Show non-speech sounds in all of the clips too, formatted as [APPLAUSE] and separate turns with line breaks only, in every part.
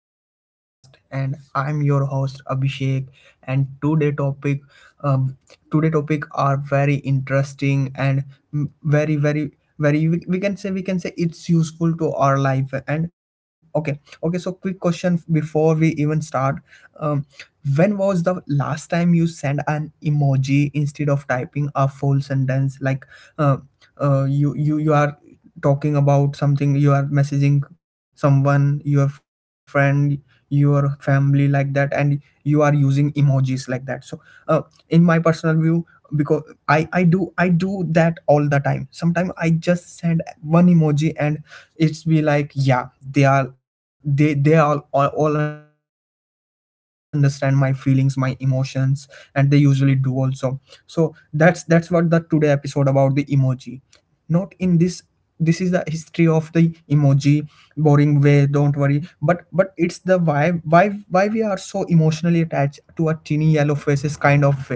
to our podcast, and I'm your host Abhishek. And um, today topic are very interesting and very, very, very. We can say we can say it's useful to our life. And Okay. So quick question before we even start. Um, when was the last time you sent an emoji instead of typing a full sentence? Like, uh, you are talking about something, you are messaging someone, your friend, your family, like that, and you are using emojis like that. So uh, in my personal view, because I do that all the time. Sometimes I just send one emoji, and it's be like, yeah, they are they all understand my feelings, my emotions, and they usually do also. So that's what the today episode about, the emoji. Not in this, this is the history of the emoji boring way, don't worry, but it's the why we are so emotionally attached to a teeny yellow faces kind of way. So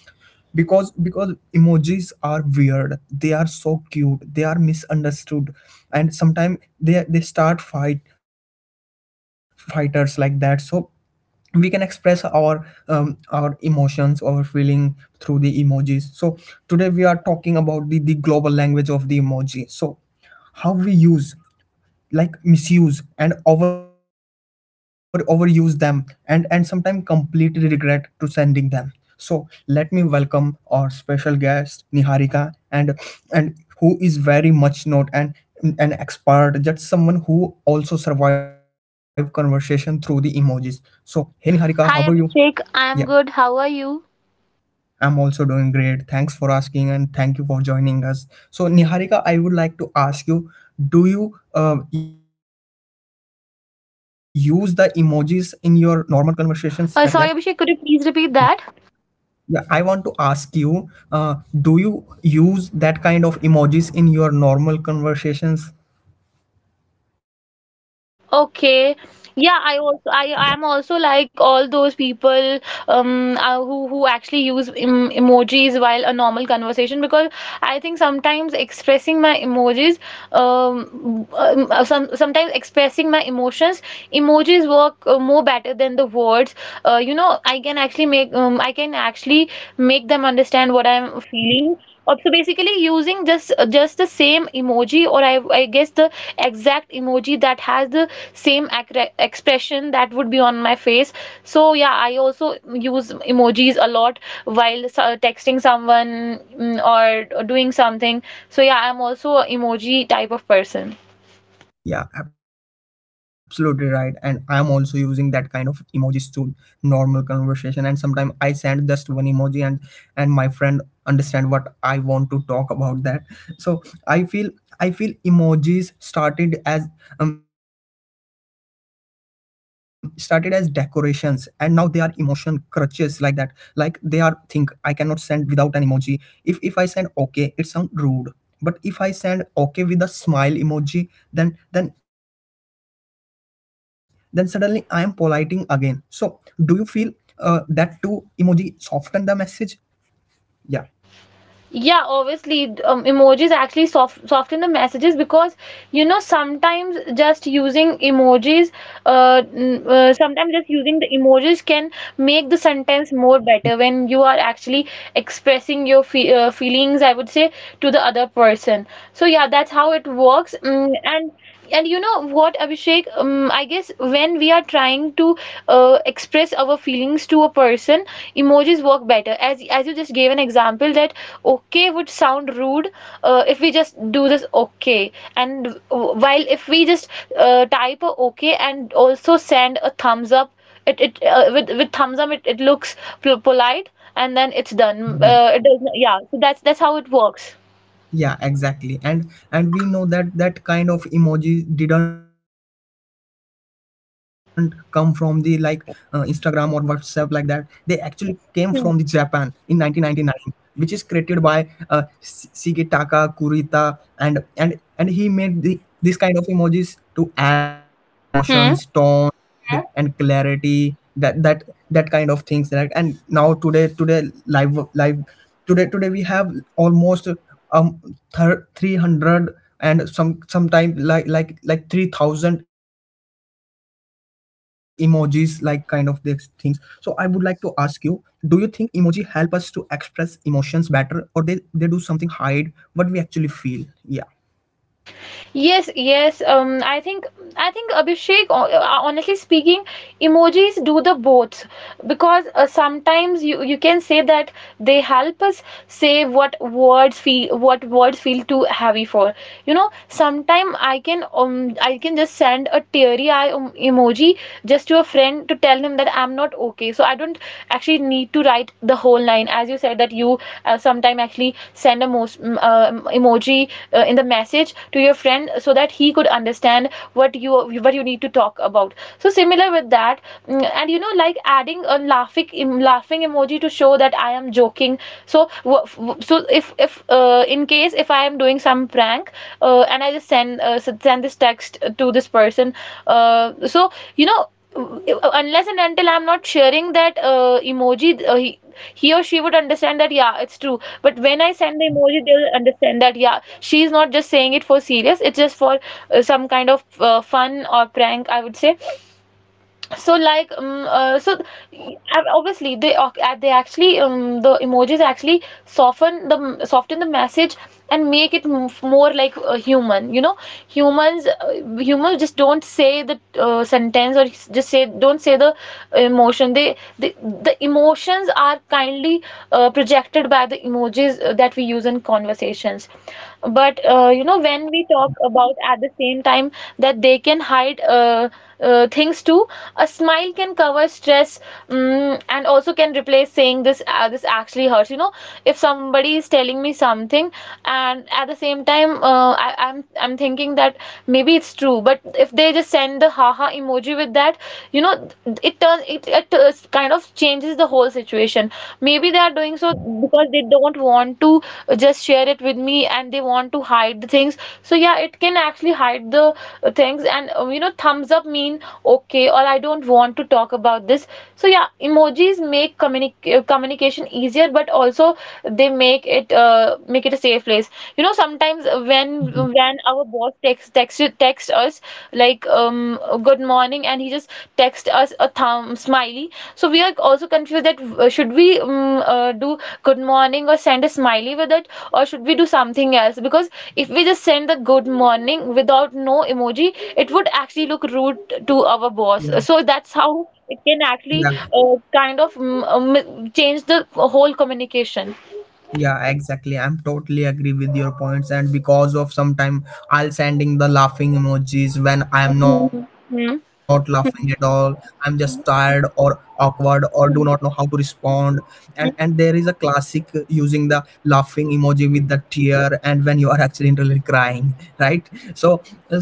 because emojis are weird, they are so cute, they are misunderstood, and sometimes they start fight fighters like that. So we can express our emotions, our feeling through the emojis. So today we are talking about the global language of the emoji. So how we use, like, misuse and over overuse them, and sometimes completely regret to sending them. So let me welcome our special guest Niharika. And who is very much not an expert, just someone who also survived conversation through the emojis. So hey, Niharika, how are you?
Hi
Yeah,
Abhishek, I am good. How are you?
I'm also doing great. Thanks for asking, and thank you for joining us. So, Niharika, I would like to ask you, do you use the emojis in your normal conversations like that?
Sorry
Yeah.
Abhishek, could you please repeat that?
Yeah, I want to ask you, do you use that kind of emojis in your normal conversations? Yeah.
Okay. Yeah, I am also like all those people who actually use emojis while a normal conversation because I think sometimes expressing my emojis um, some sometimes expressing my emotions emojis work more better than the words. I can actually make I can actually make them understand what I'm feeling. Or so basically using just the same emoji or I guess the exact emoji that has the same expression that would be on my face. So yeah, I also use emojis a lot while texting someone, or doing something. So yeah, I'm also a emoji type of person.
Yeah, absolutely right. And I'm also using that kind of emojis to normal conversation. And sometimes I send just one emoji, and my friend understand what I want to talk about that. So I feel emojis started as decorations, and now they are emotion crutches like that. Like, they are thing I cannot send without an emoji. If I send okay, it sound rude, but if I send okay with a smile emoji, then then then suddenly I am politing again.
Hmm.
So do you feel that two emoji soften the message? Yeah.
Yeah, obviously, emojis actually soften the messages because you know sometimes just using emojis, sometimes just using the emojis can make the sentence more better when you are actually expressing your fe feelings, I would say, to the other person. So yeah, that's how it works. And you know what, Abhishek? I guess when we are trying to express our feelings to a person, emojis work better. As you just gave an example that okay would sound rude if we just do this okay, and while if we just type a okay and also send a thumbs up, it with thumbs up it looks polite and then it's done.
Yeah,
It does, yeah. So that's how it works.
yeah, exactly. And we know that that kind of emoji didn't come from the, like,
Hmm.
Instagram or WhatsApp like that. They actually came from the Japan in
Hmm.
1999, which is created by Shigetaka Kurita, and and he made the this kind of emojis to add emotions,
Hmm.
tone, yeah, and clarity, that kind of things, right? And now today, live, today we have almost um 300, and sometimes like 3,000 emojis like kind of these things. So I would like to ask you, do you think emoji help us to express emotions better, or they do something hide what we actually feel? Yeah.
Yes, yes. I think, Abhishek, honestly speaking, emojis do the both because sometimes you can say that they help us say what words feel too heavy for. You know, sometime I can just send a teary eye emoji just to a friend to tell him that I'm not not okay, so I don't actually need to write the whole line, as you said that you sometime actually send a most emoji in the message to your friend so that he could understand what you need to talk about. So similar with that, and you know, like adding a laughing emoji to show that I am joking. So so if in case if I am doing some prank, and I just send this text to this person, uh, so you know unless and until I'm not sharing that emoji, he or she would understand that, yeah, it's true. But when I send the emoji, they'll understand that, yeah, she's not just saying it for serious, it's just for some kind of fun or prank, I would say. So y- obviously they actually the emojis actually soften the message and make it more like a human. You know, humans just don't say the sentence, or just say don't say the emotion. They, the emotions are kindly projected by the emojis that we use in conversations. But when we talk about at the same time that they can hide, things too. A smile can cover stress, and also can replace saying this actually hurts. You know, if somebody is telling me something and at the same time, I'm I'm thinking that maybe it's true, but if they just send the haha emoji with that, you know, it turns it, kind of changes the whole situation. Maybe they are doing so because they don't want to just share it with me and they want to hide the things. So yeah, it can actually actually hide the things. And thumbs up mean okay or I don't want to talk about this. So yeah, emojis make communication easier, but also they make it a safe place. You know, sometimes when our boss text us like good morning, and he just text us a thumb smiley. So we are also confused that should we do good morning or send a smiley with it or should we do something else, because if we just send the good morning without no emoji, it would actually look rude to our boss.
Yeah,
So that's how it can actually
yeah
change the whole communication.
Yeah, exactly. I'm totally agree with your points, and because of sometime I'll sending the laughing emojis when I'm not laughing at
Hmm.
all. I'm just
Hmm.
tired or awkward or do not know how to respond. And there is a classic using the laughing emoji with the tear, and when you are actually really crying, right? So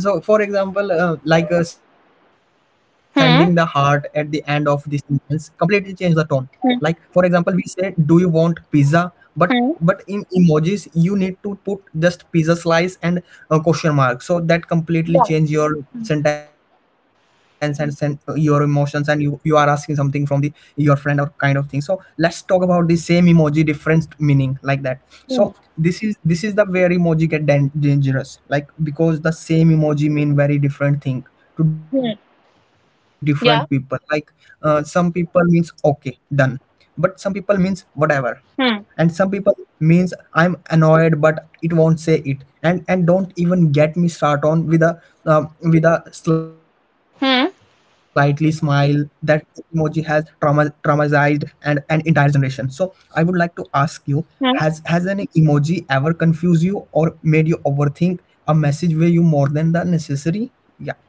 so for example, sending the heart at the end of this sentence completely change the tone. Like, for
Hmm.
example, we say, do you want pizza, but
Hmm.
in emojis you need to put just pizza slice and a question mark. So that completely change your sentence and your emotions, and you are asking something from the your friend or kind of thing. So let's talk about the same emoji different meaning like that. So
Hmm.
this is the where emoji get dangerous, like, because the same emoji mean very different thing to
Hmm.
different people. Like, some
Yeah.
people means okay, done, but some people means whatever, and
Hmm.
some people means I'm annoyed but it won't say it. And don't even get me start on um, with a slightly smile,
Hmm.
that emoji has traumatized and an entire generation. So I would like to ask you, has
Hmm?
has an emoji ever confused you or made you overthink a message way you more than the necessary? Yeah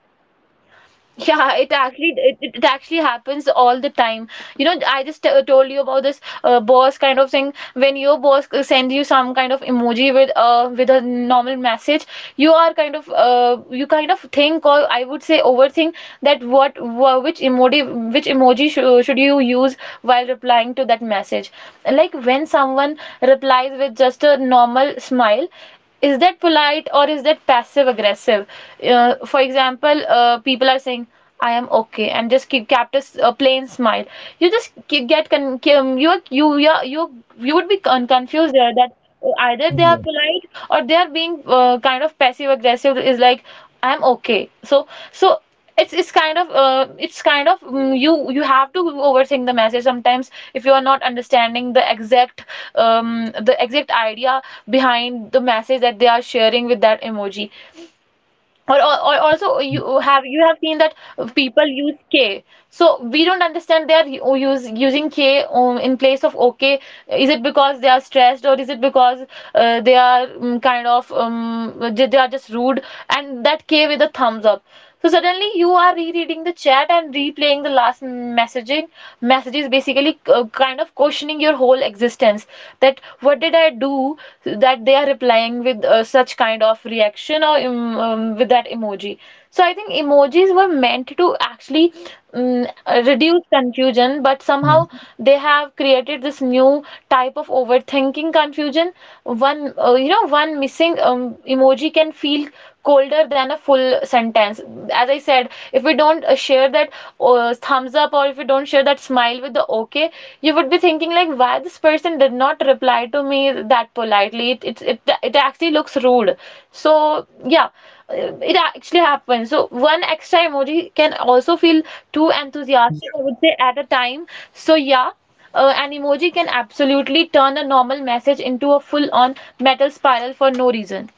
Yeah, it actually it actually happens all the time. You know, I just told you about this boss kind of thing. When your boss sends you some kind of emoji with a normal message, you are kind of you kind of think, or I would say overthink, that which emoji sh should you use while replying to that message. Like when someone replies with just a normal smile, is that polite or is that passive aggressive? For example, people are saying, I am okay, and just keep kept a, a plain smile. You just ke- get con- com- you are- you are- you would be confused there that either they are
Yeah.
polite or they are being kind of passive aggressive, is like I'm okay. So so it's it's kind of, you you have to overthink the message sometimes if you are not understanding the exact idea behind the message that they are sharing with that emoji. Or also, you have seen that people use k, so we don't understand they are using k in place of okay. Is it because they are stressed, or is it because they are they are just rude? And that k with a thumbs up, so suddenly you are rereading the chat and replaying the last messaging messages, basically kind of questioning your whole existence that what did I do that they are replying with such kind of reaction, or with that emoji. So I think emojis were meant to actually um,
Hmm.
reduce confusion, but somehow they have created this new type of overthinking confusion. One, one missing emoji can feel older than a full sentence. As I said, if we don't share that thumbs up, or if we don't share that smile with the okay, you would be thinking like, why this person did not reply to me that politely? It actually looks rude. So yeah, it actually happens. So one extra emoji can also feel too
Yeah.
enthusiastic, I would say, at a time. So yeah. An emoji can absolutely turn a normal message into a full-on metal spiral for no reason.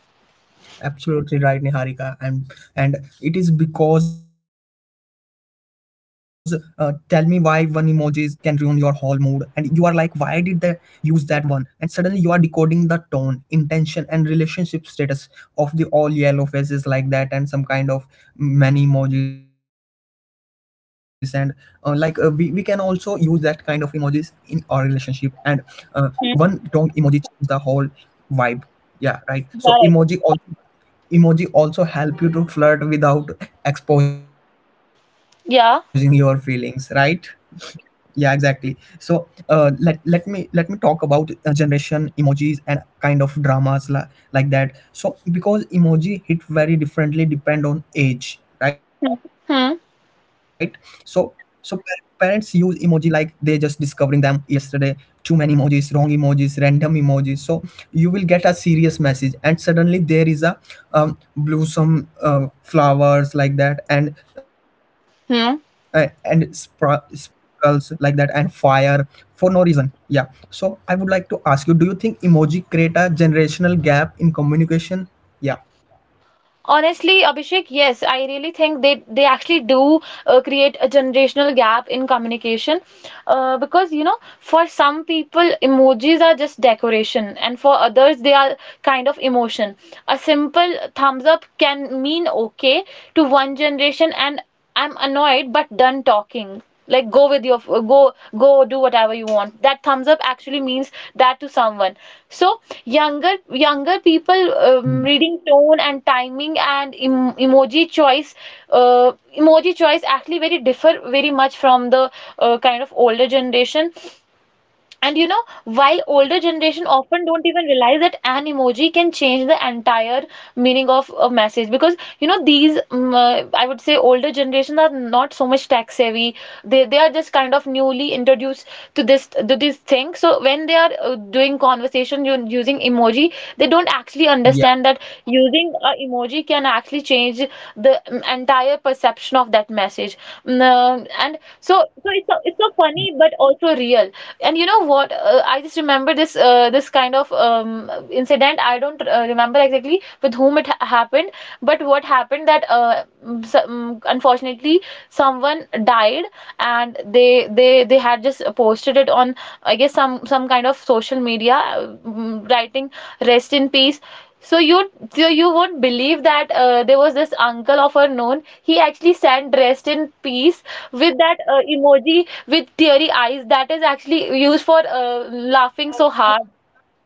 Absolutely right, Niharika. And it is because tell me why one emojis can ruin your whole mood, and you are like, why did they use that one? And suddenly you are decoding the tone, intention, and relationship status of the all yellow faces like that, and some kind of many emojis. And like, we can also
Hmm.
use that kind of emojis in our relationship. And uh, one wrong
Hmm.
emoji changes the whole vibe, yeah, right? So
Yeah,
emoji also, emoji also help you to flirt without exposing your feelings, right?
yeah.
Yeah, exactly. So let me talk about generation emojis and kind of dramas like that. So because emoji hit very differently depend on age, right?
Hmm.
So
Hmm.
parents use emoji like they just discovering them yesterday, too many emojis, wrong emojis, random emojis. So you will get a serious message and suddenly there is a blossom, flowers like that, and
Hmm.
chemicals like that, and fire for no reason. Yeah. So I would like to ask you, do you think emoji create a generational gap in communication? Yeah.
Honestly, Abhishek, yes, I really think they actually do create a generational gap in communication, because you know, for some people emojis are just decoration, and for others they are kind of emotion. A simple thumbs up can mean okay to one generation, and I'm annoyed but done talking. Like, go with your go go do whatever you want. That thumbs up actually means that to someone. So younger people
Mm.
reading tone and timing and emoji choice, uh, emoji choice actually very much from the kind of older generation. And you know, while older generation often don't even realize that an emoji can change the entire meaning of a message, because you know these I would say older generations are not so much tech savvy. They are just kind of newly introduced to this thing. So when they are doing conversation using emoji, they don't actually
Yeah.
understand that using a emoji can actually change the entire perception of that message. So it's so, it's so funny, but also real. And you know what? I just remember this this kind of incident. I don't remember exactly with whom it ha happened, but what happened that unfortunately someone died, and they had just posted it on, I guess, some kind of social media, writing "Rest in peace." So you would believe that there was this uncle of her known. He actually sat dressed in peace with that emoji with teary eyes that is actually used for laughing so hard.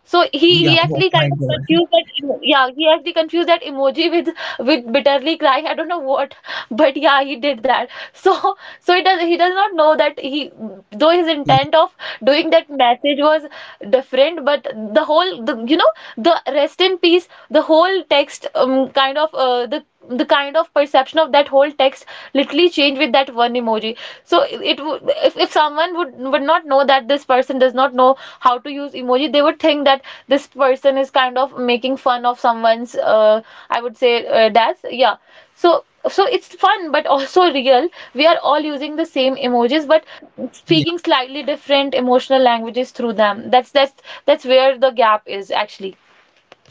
So he
Yeah.
he
Oh
actually
my
kind of
God. [LAUGHS]
confused that yeah, he actually confused that emoji with bitterly crying, I don't know what, but yeah, he did that [LAUGHS] So it does, he does not know that he, though his
Yeah.
intent of doing that message was different, but the whole the the rest in peace, the whole text, kind of the kind of perception of that whole text literally changed with that one emoji. So it would, if someone would not know that this person does not know how to use emoji, they would think that this person is kind of making fun of someone's I would say that's yeah. So it's fun but also real. We are
Yeah.
all using the same emojis, but speaking slightly different emotional languages through them. That's where the gap is actually.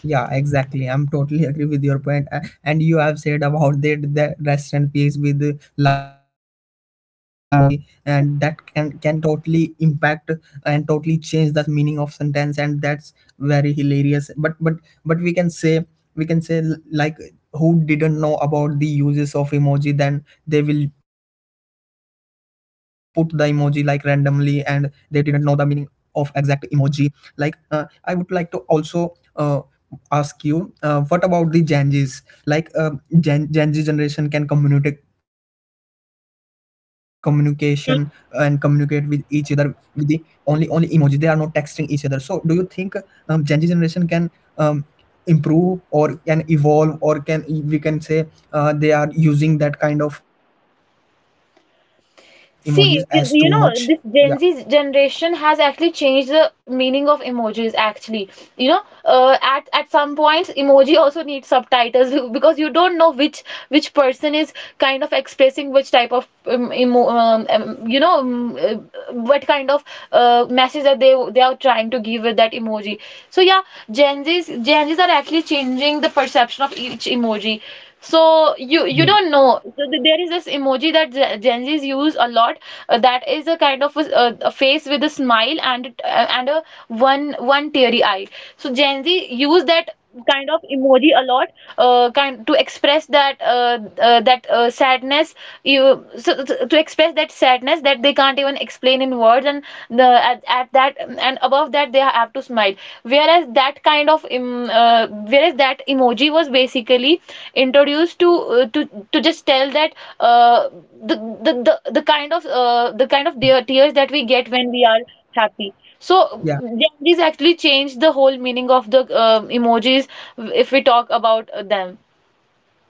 Yeah, exactly. I'm totally [LAUGHS] agree with your point. And you have said about that the rest and peace with the laughing tear emoji, and that can totally impact and totally change the meaning of sentence, and that's very hilarious. But we can say, like, who didn't know about the uses of emoji, then they will put the emoji like randomly and they didn't know the meaning of exact emoji. Like, I would like to also uh, ask you, what about the Gen Zs? Like, Gen Z generation can communicate communication and communicate with each other with the only emojis. They are not texting each other. So do you think Gen Z generation can um, improve or can evolve, or can we can say they are using that kind of emojis as too much? Yeah,
See, you know, this Gen Z generation has actually changed the meaning of emojis, actually. You know, at some points, emoji also needs subtitles [LAUGHS] because you don't know which person is kind of expressing which type of what kind of message that they are trying to give with that emoji. So yeah, Gen Zs are actually changing the perception of each emoji. So you
yeah,
don't know. So there is this emoji that Gen Zs use a lot. Uh, that is a kind of a face with a smile and and a one teary eye. So Gen Z use that kind of emoji a lot, kind to express that that sadness, to express that sadness that they can't even explain in words, and the at that and above that they have to smile, whereas that kind of uh, whereas that emoji was basically introduced to uh, to to just tell that, uh, the, the the kind of the kind of
yeah,
tears that we get when we are happy. So
yeah.
yeah, these actually changed the whole meaning of the emojis, if we talk about them.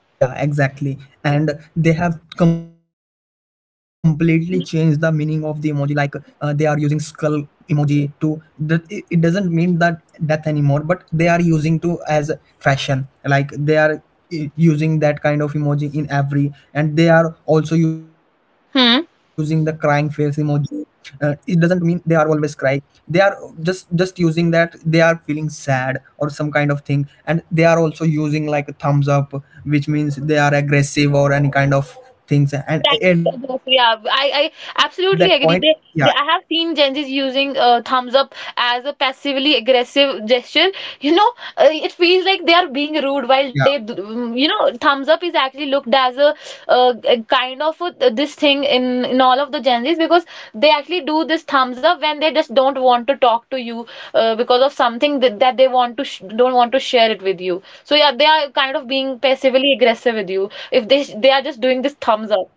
Yeah, exactly. And they have completely changed the meaning of the emoji. Like, they are using skull emoji to that it doesn't mean that death anymore, but they are using to as fashion. Like, they are using that kind of emoji in every, and they are also using the crying face
Hmm.
emoji. It doesn't mean they are always cry, they are just using that they are feeling sad or some kind of thing. And they are also using like a thumbs up, which means they are aggressive or any kind of things, and at
Thanks,
that
Joseph.
point,
Yeah,
yeah,
I absolutely agree. I have seen Gen Zs using thumbs up as a passively aggressive gesture. You know, it feels like they are being rude while
yeah,
you know, thumbs up is actually looked as a kind of a, this thing in all of the Gen Zs, because they actually do this thumbs up when they just don't want to talk to you, because of something that they want to sh don't want to share it with you. So yeah, they are kind of being passively aggressive with you if they are just doing this thumbs up.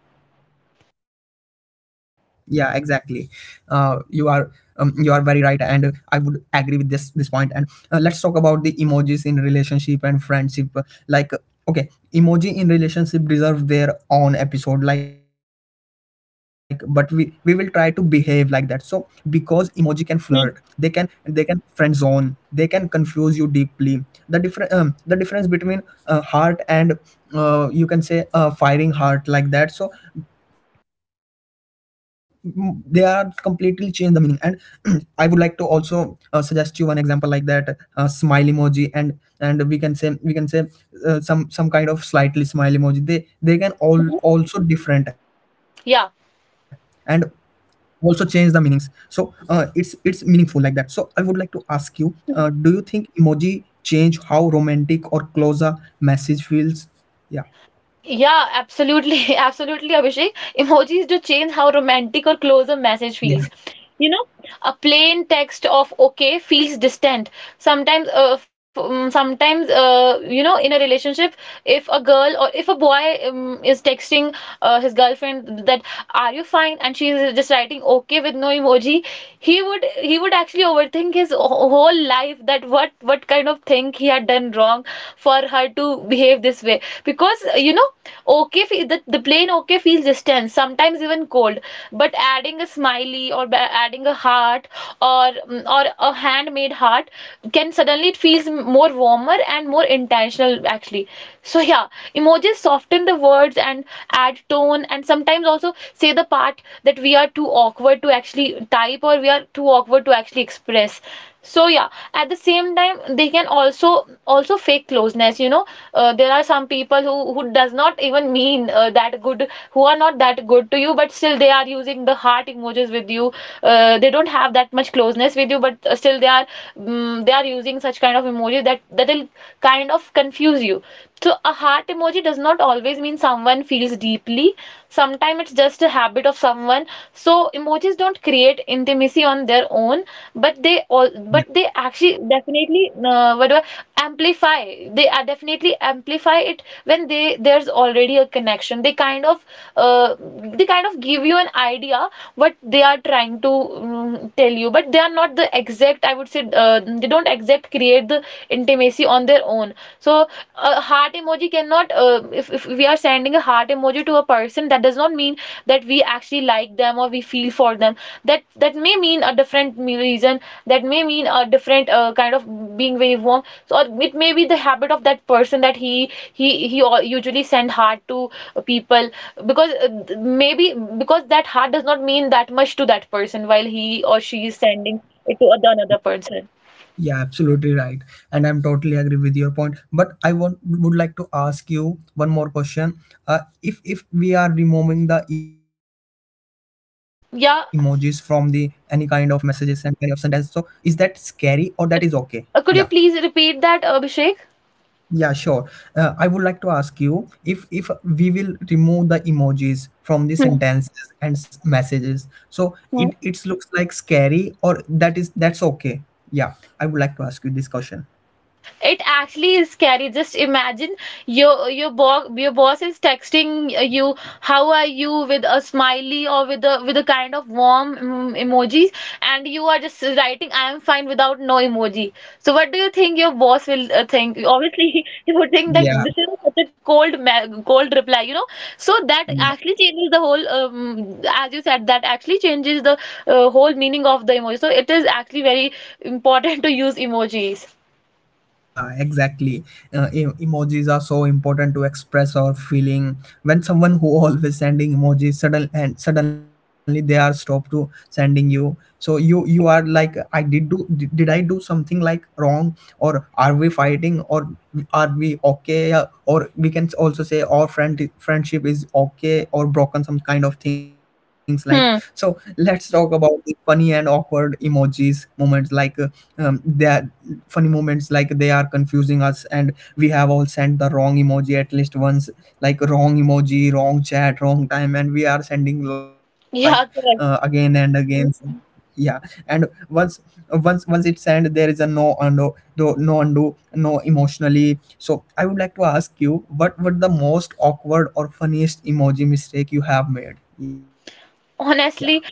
yeah, exactly. You are you are very right. And I would agree with this point point. And let's talk about the emojis in relationship and friendship. Like, okay, emoji in relationship deserve their own episode like, but we will try to behave like that. So because emoji can flirt, they can they can friend zone, they can confuse you deeply. The different the difference between heart and you can say firing heart like that. So they are completely change the meaning. And [CLEARS THROAT] I would like to also suggest you one example like that. Uh, smile emoji and we can say some kind of slightly smile emoji, they can all
Mhm.
also different and
Yeah,
also change the meanings. So it's meaningful like that. So I would like to ask you, do you think emoji change how romantic or close a message feels? Yeah.
yeah, absolutely, [LAUGHS] absolutely, Abhishek. Emojis do change how romantic or close a
Yeah,
message feels. You know, a plain text of okay feels distant. Sometimes, sometimes, you know, in a relationship, if a girl or if a boy is texting his girlfriend that, are you fine, and she is just writing okay with no emoji, he would actually overthink his whole life, that what kind of thing he had done wrong for her to behave this way, because you know, okay the plain okay feels distant,
yeah
sometimes even cold. But adding a smiley or adding a heart, or or a handmade heart, can suddenly, it feels more warmer and more intense intentional actually. So yeah, emojis soften the words and add tone, and sometimes also say the part that we are too awkward to actually type, or we are too awkward to actually express. So yeah, at the same time, they can also fake closeness, you know. There are some people who does not even mean that good, who are not that good to you, but still they are using the heart emojis with you. They don't have that much closeness with you, but still they are they are using such kind of emojis that that'll kind of confuse you. So a heart emoji does not always mean someone feels deeply. Sometimes it's just a habit of someone. So emojis don't create intimacy on their own, but they all but they actually definitely amplify. They are definitely amplify it when they there's already a connection. They kind of give you an idea what they are trying to tell you, but they are not the exact. I would say they don't exact create the intimacy on their own. So a heart emoji cannot, if we are sending a heart emoji to a person, that does not mean that we actually like them or we feel for them. That that may mean a different reason, that may mean a different kind of being very warm. So it may be the habit of that person, that he usually send heart to people, because maybe because that heart does not mean that much to that person, while he or she is sending it to another person.
Yeah, absolutely right. And I'm totally agree with your point. But I want would like to ask you one more question. If we are removing the emojis from the any kind of
Yeah.
messages and any of sentence, so is that scary or that is okay? Yeah.
Could you please repeat that, Abhishek?
Yeah, sure. I would like to ask you, if we will remove the emojis from the
Hmm,
sentences and messages, so
hmm.
it looks like scary or that is that's okay. Yeah, I would like to ask you this question.
It actually is scary. Just imagine your your boss is texting you, how are you, with a smiley or with a kind of warm emojis, and you are just writing I am fine without no emoji. So what do you think your boss will think? Obviously, [LAUGHS] he would think that
Yeah,
this is such a cold cold reply, you know. So that
yeah.
actually changes the whole as you said, that actually changes the whole meaning of the emoji. So it is actually very important to use emojis.
Yeah, exactly. Emojis are so important to express our feeling. When someone who always sending emojis sudden and suddenly they are stopped to sending you, so you are like, I did do did I do something like wrong or are we fighting or are we okay? Yeah. Or we can also say our friendship is okay or broken some kind of things like.
Hmm.
So let's talk about the funny and awkward emojis moments like that funny moments like they are confusing us, and we have all sent the wrong emoji at least once, like wrong emoji, wrong chat, wrong time, and we are sending like
Yeah,
again
correct.
and again. Yeah. And once it's end, there is a no undo, no undo, no emotionally. So I would like to ask you, what the most awkward or funniest emoji mistake you have made? yeah
Honestly,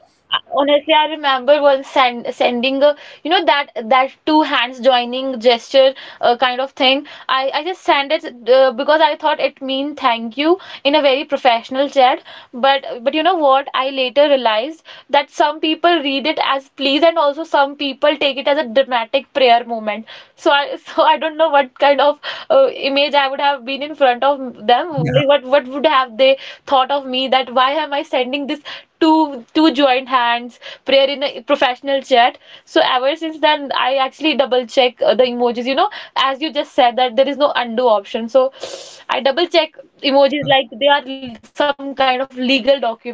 honestly, I remember once sending a, you know, that that two hands joining gesture kind of thing. I just sent it because I thought it mean thank you in a very professional chat. But you know what? I later realized that some people read it as please, and also some people take it as a dramatic prayer moment. So I [LAUGHS] so I don't know what kind of image I would have been in front of
yeah
them. Like, what would have they thought of me? That why am I sending this two joined hands prayer in a professional chat? So ever since then, I actually double check the emojis. You know, as you just said that there is no undo option. So I double check
yeah
emojis like they are some kind of legal documents. [LAUGHS]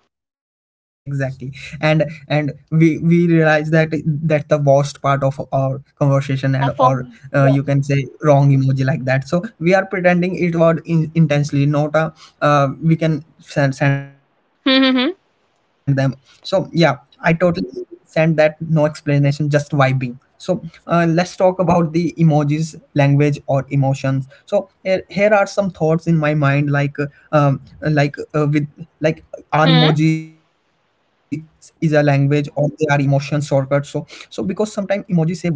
Exactly, exactly. And we realize that
So yeah,
that's the
th- that's
worst
that's
part of
how
our
emojis are
conversation. And
formed.
or
Yeah.
you can say wrong emoji like that. So we are pretending it was intensely not a we can send them.
Hmm. Hmm.
So
Hmm.
yeah, I totally send that, no explanation, just vibing. So let's talk about the emojis language or emotions. So here are some thoughts in my mind, like with like our emoji
Hmm.
is a language, or they are emotion shortcuts. So, so because sometimes emojis say what words can't,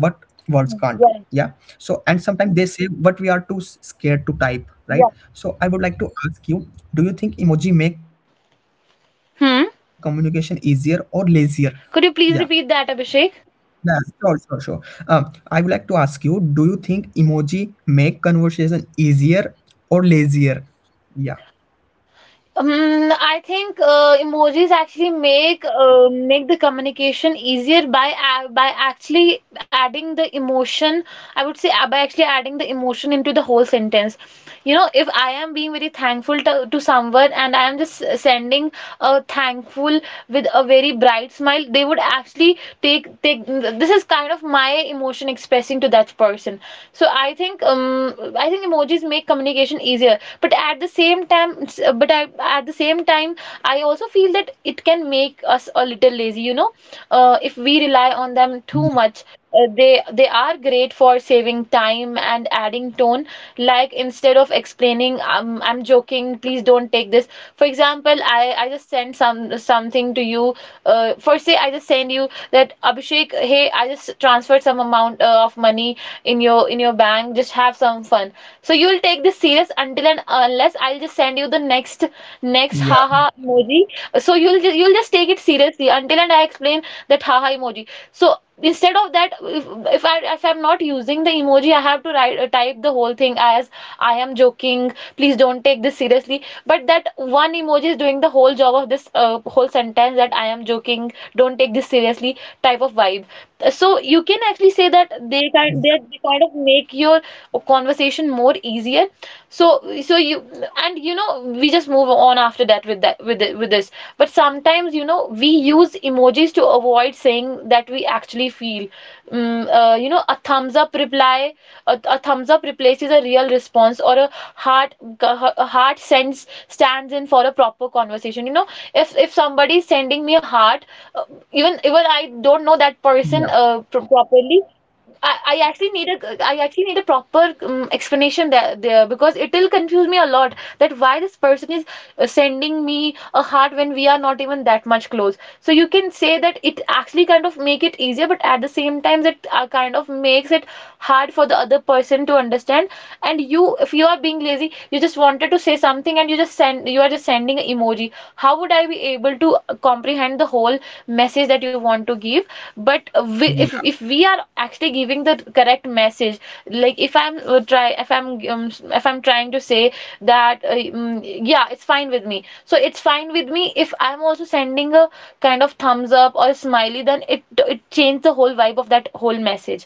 yeah. So and sometimes they say what we are too scared to type, right?
Yeah.
So I would like to ask you, do you think emoji make communication easier or
Hmm.
lazier? yeah
Could you please repeat that, Abhishek?
yeah, sure, sure, sure. I would like to ask you, do you think emoji make conversation easier or lazier? Yeah,
Um, I think emojis actually make make the communication easier by a by actually adding the emotion. I would say by actually adding the emotion into the whole sentence. You know, if I am being very thankful to someone, and I am just sending a thankful with a very bright smile, they would actually take, this is kind of my emotion expressing to that person. So I think emojis make communication easier. But at the same time, but I, at the same time, I also feel that it can make us a little lazy, you know. If we rely on them too
yeah,
much, they are great for saving time and adding tone, like instead of explaining, I'm joking, please don't take this. For example, I just sent some something to you, for say I just send you that, Abhishek, hey, I just transferred some amount of money in your bank, just have some fun, so you'll take this serious until and unless I'll just send you the next
yeah,
haha emoji. So you'll just take it seriously until and I explain that haha emoji. So instead of that, if I, if I'm not using the emoji, I have to write type the whole thing as, I am joking, please don't take this seriously. But that one emoji is doing the whole job of this whole sentence, that I am joking, don't take this seriously, type of vibe. So you can actually say that they are, they kind of make your conversation more easier. So so you, and you know, we just move on after that, with that, with this. But sometimes, you know, we use emojis to avoid saying that we actually feel. You know, a thumbs up reply, a thumbs up replaces a real response, or heart a heart sends stands in for a proper conversation, you know. If somebody is sending me a heart, uh, even I don't know that person
yeah,
properly, I actually need a I actually need a proper explanation there, because it will confuse me a lot, that why this person is sending me a heart when we are not even that much close. So you can say that it actually kind of make it easier, but at the same time, it kind of makes it hard for the other person to understand. And you, if you are being lazy, you just wanted to say something, and you just send you are just sending emoji, how would I be able to comprehend the whole message that you want to give? But we, if we are actually giving the correct message, like if I'm try if I'm if I'm trying to say that yeah, it's fine with me. So it's fine with me, if I'm also sending a kind of thumbs up or smiley, then it changes the whole vibe of that whole message.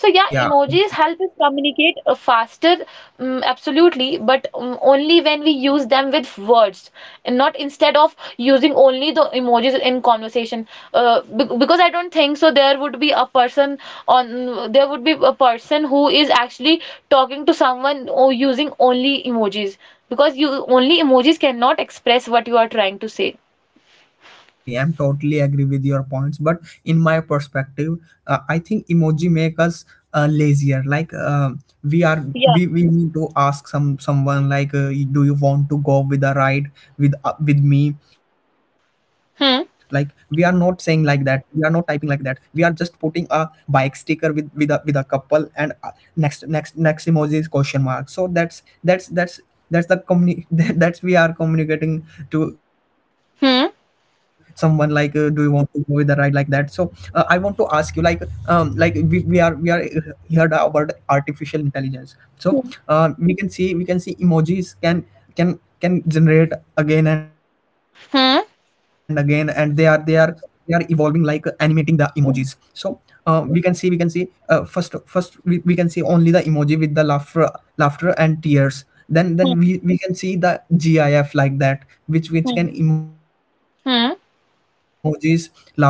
So yeah,
yeah,
emojis
yeah,
help us communicate faster, absolutely, but only when we use them with words, and not instead of using only the emojis in conversation. Because I don't think so there would be a person on there would be a person who is actually talking to someone or using only emojis, because you only emojis cannot express what you are trying to say.
Yeah, exactly. I'm totally agree with your points, but in my perspective, I think emoji make us lazier. We are,
Yeah.
we need to ask someone like, do you want to go with a ride with me? Like we are not saying
Hmm.
like that. We are not typing like that. We are just putting a bike sticker with with a couple, and next next emoji is question mark. So that's the [LAUGHS] that's we are communicating to someone like
Hmm.
do you want to go with the ride like that? So I want to ask you like, we, we are heard about artificial intelligence. So we can see emojis can generate again and again, and
Hmm.
they are evolving, like animating the emojis. So we can see first we can see only the emoji with the laughter and tears. Then we can see the gif like that, which
Hmm.
can emojis
Hmm.
laughing and tears are going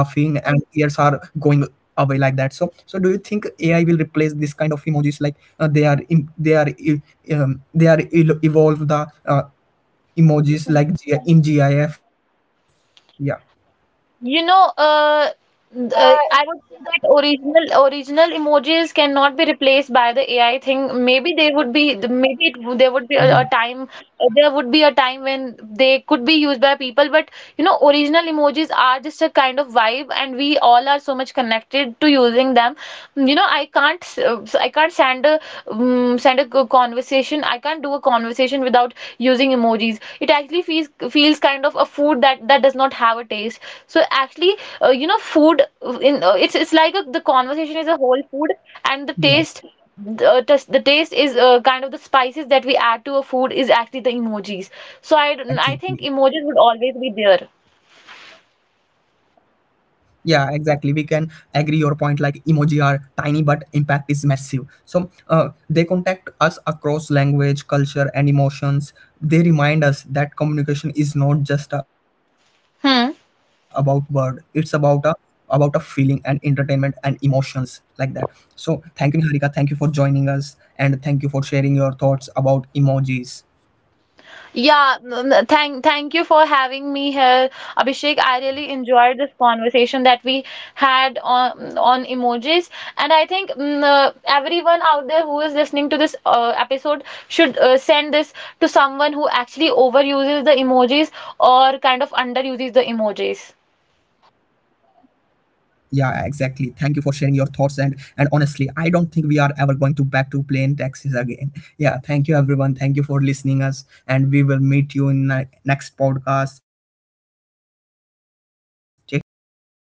away like that. So so do you think AI will replace this kind of emojis, like they are im- they are e- they are el- evolve the uh, emojis like G- in gif? yeah
You know, I would say that original emojis cannot be replaced by the AI thing. Maybe they would be, there would be
yeah
a time, there would be a time when they could be used by people. But you know, original emojis are just a kind of vibe, and we all are so much connected to using them. You know, I can't send a a conversation. I can't do a conversation without using emojis. It actually feels kind of a food that that does not have a taste. So actually, you know, food in it's like a, the conversation is a whole food, and the
yeah
taste. The taste is kind of the spices that we add to a food, is actually the emojis. So I,
yeah
don't- I think
exactly
emojis would always be there.
Yeah, exactly. We can agree your point, like emoji are tiny but impact is massive. So they contact us across language, culture and emotions. They remind us that communication is not just about word. It's
Hmm.
about a feeling and entertainment and emotions, like that. So thank you, Niharika, thank you for joining us, and thank you for sharing your thoughts about emojis.
Yeah, thank you for having me here, Abhishek. I really enjoyed this conversation that we had on emojis, and I think everyone out there who is listening to this episode should send this to someone who actually overuses the emojis, or kind of underuses the emojis.
Yeah, exactly. Thank you for sharing your thoughts, and honestly, I don't think we are ever going to back to plain taxis again. Yeah, thank you everyone. Thank you for listening us, and we will meet you in the next podcast. Take care. Bye-bye.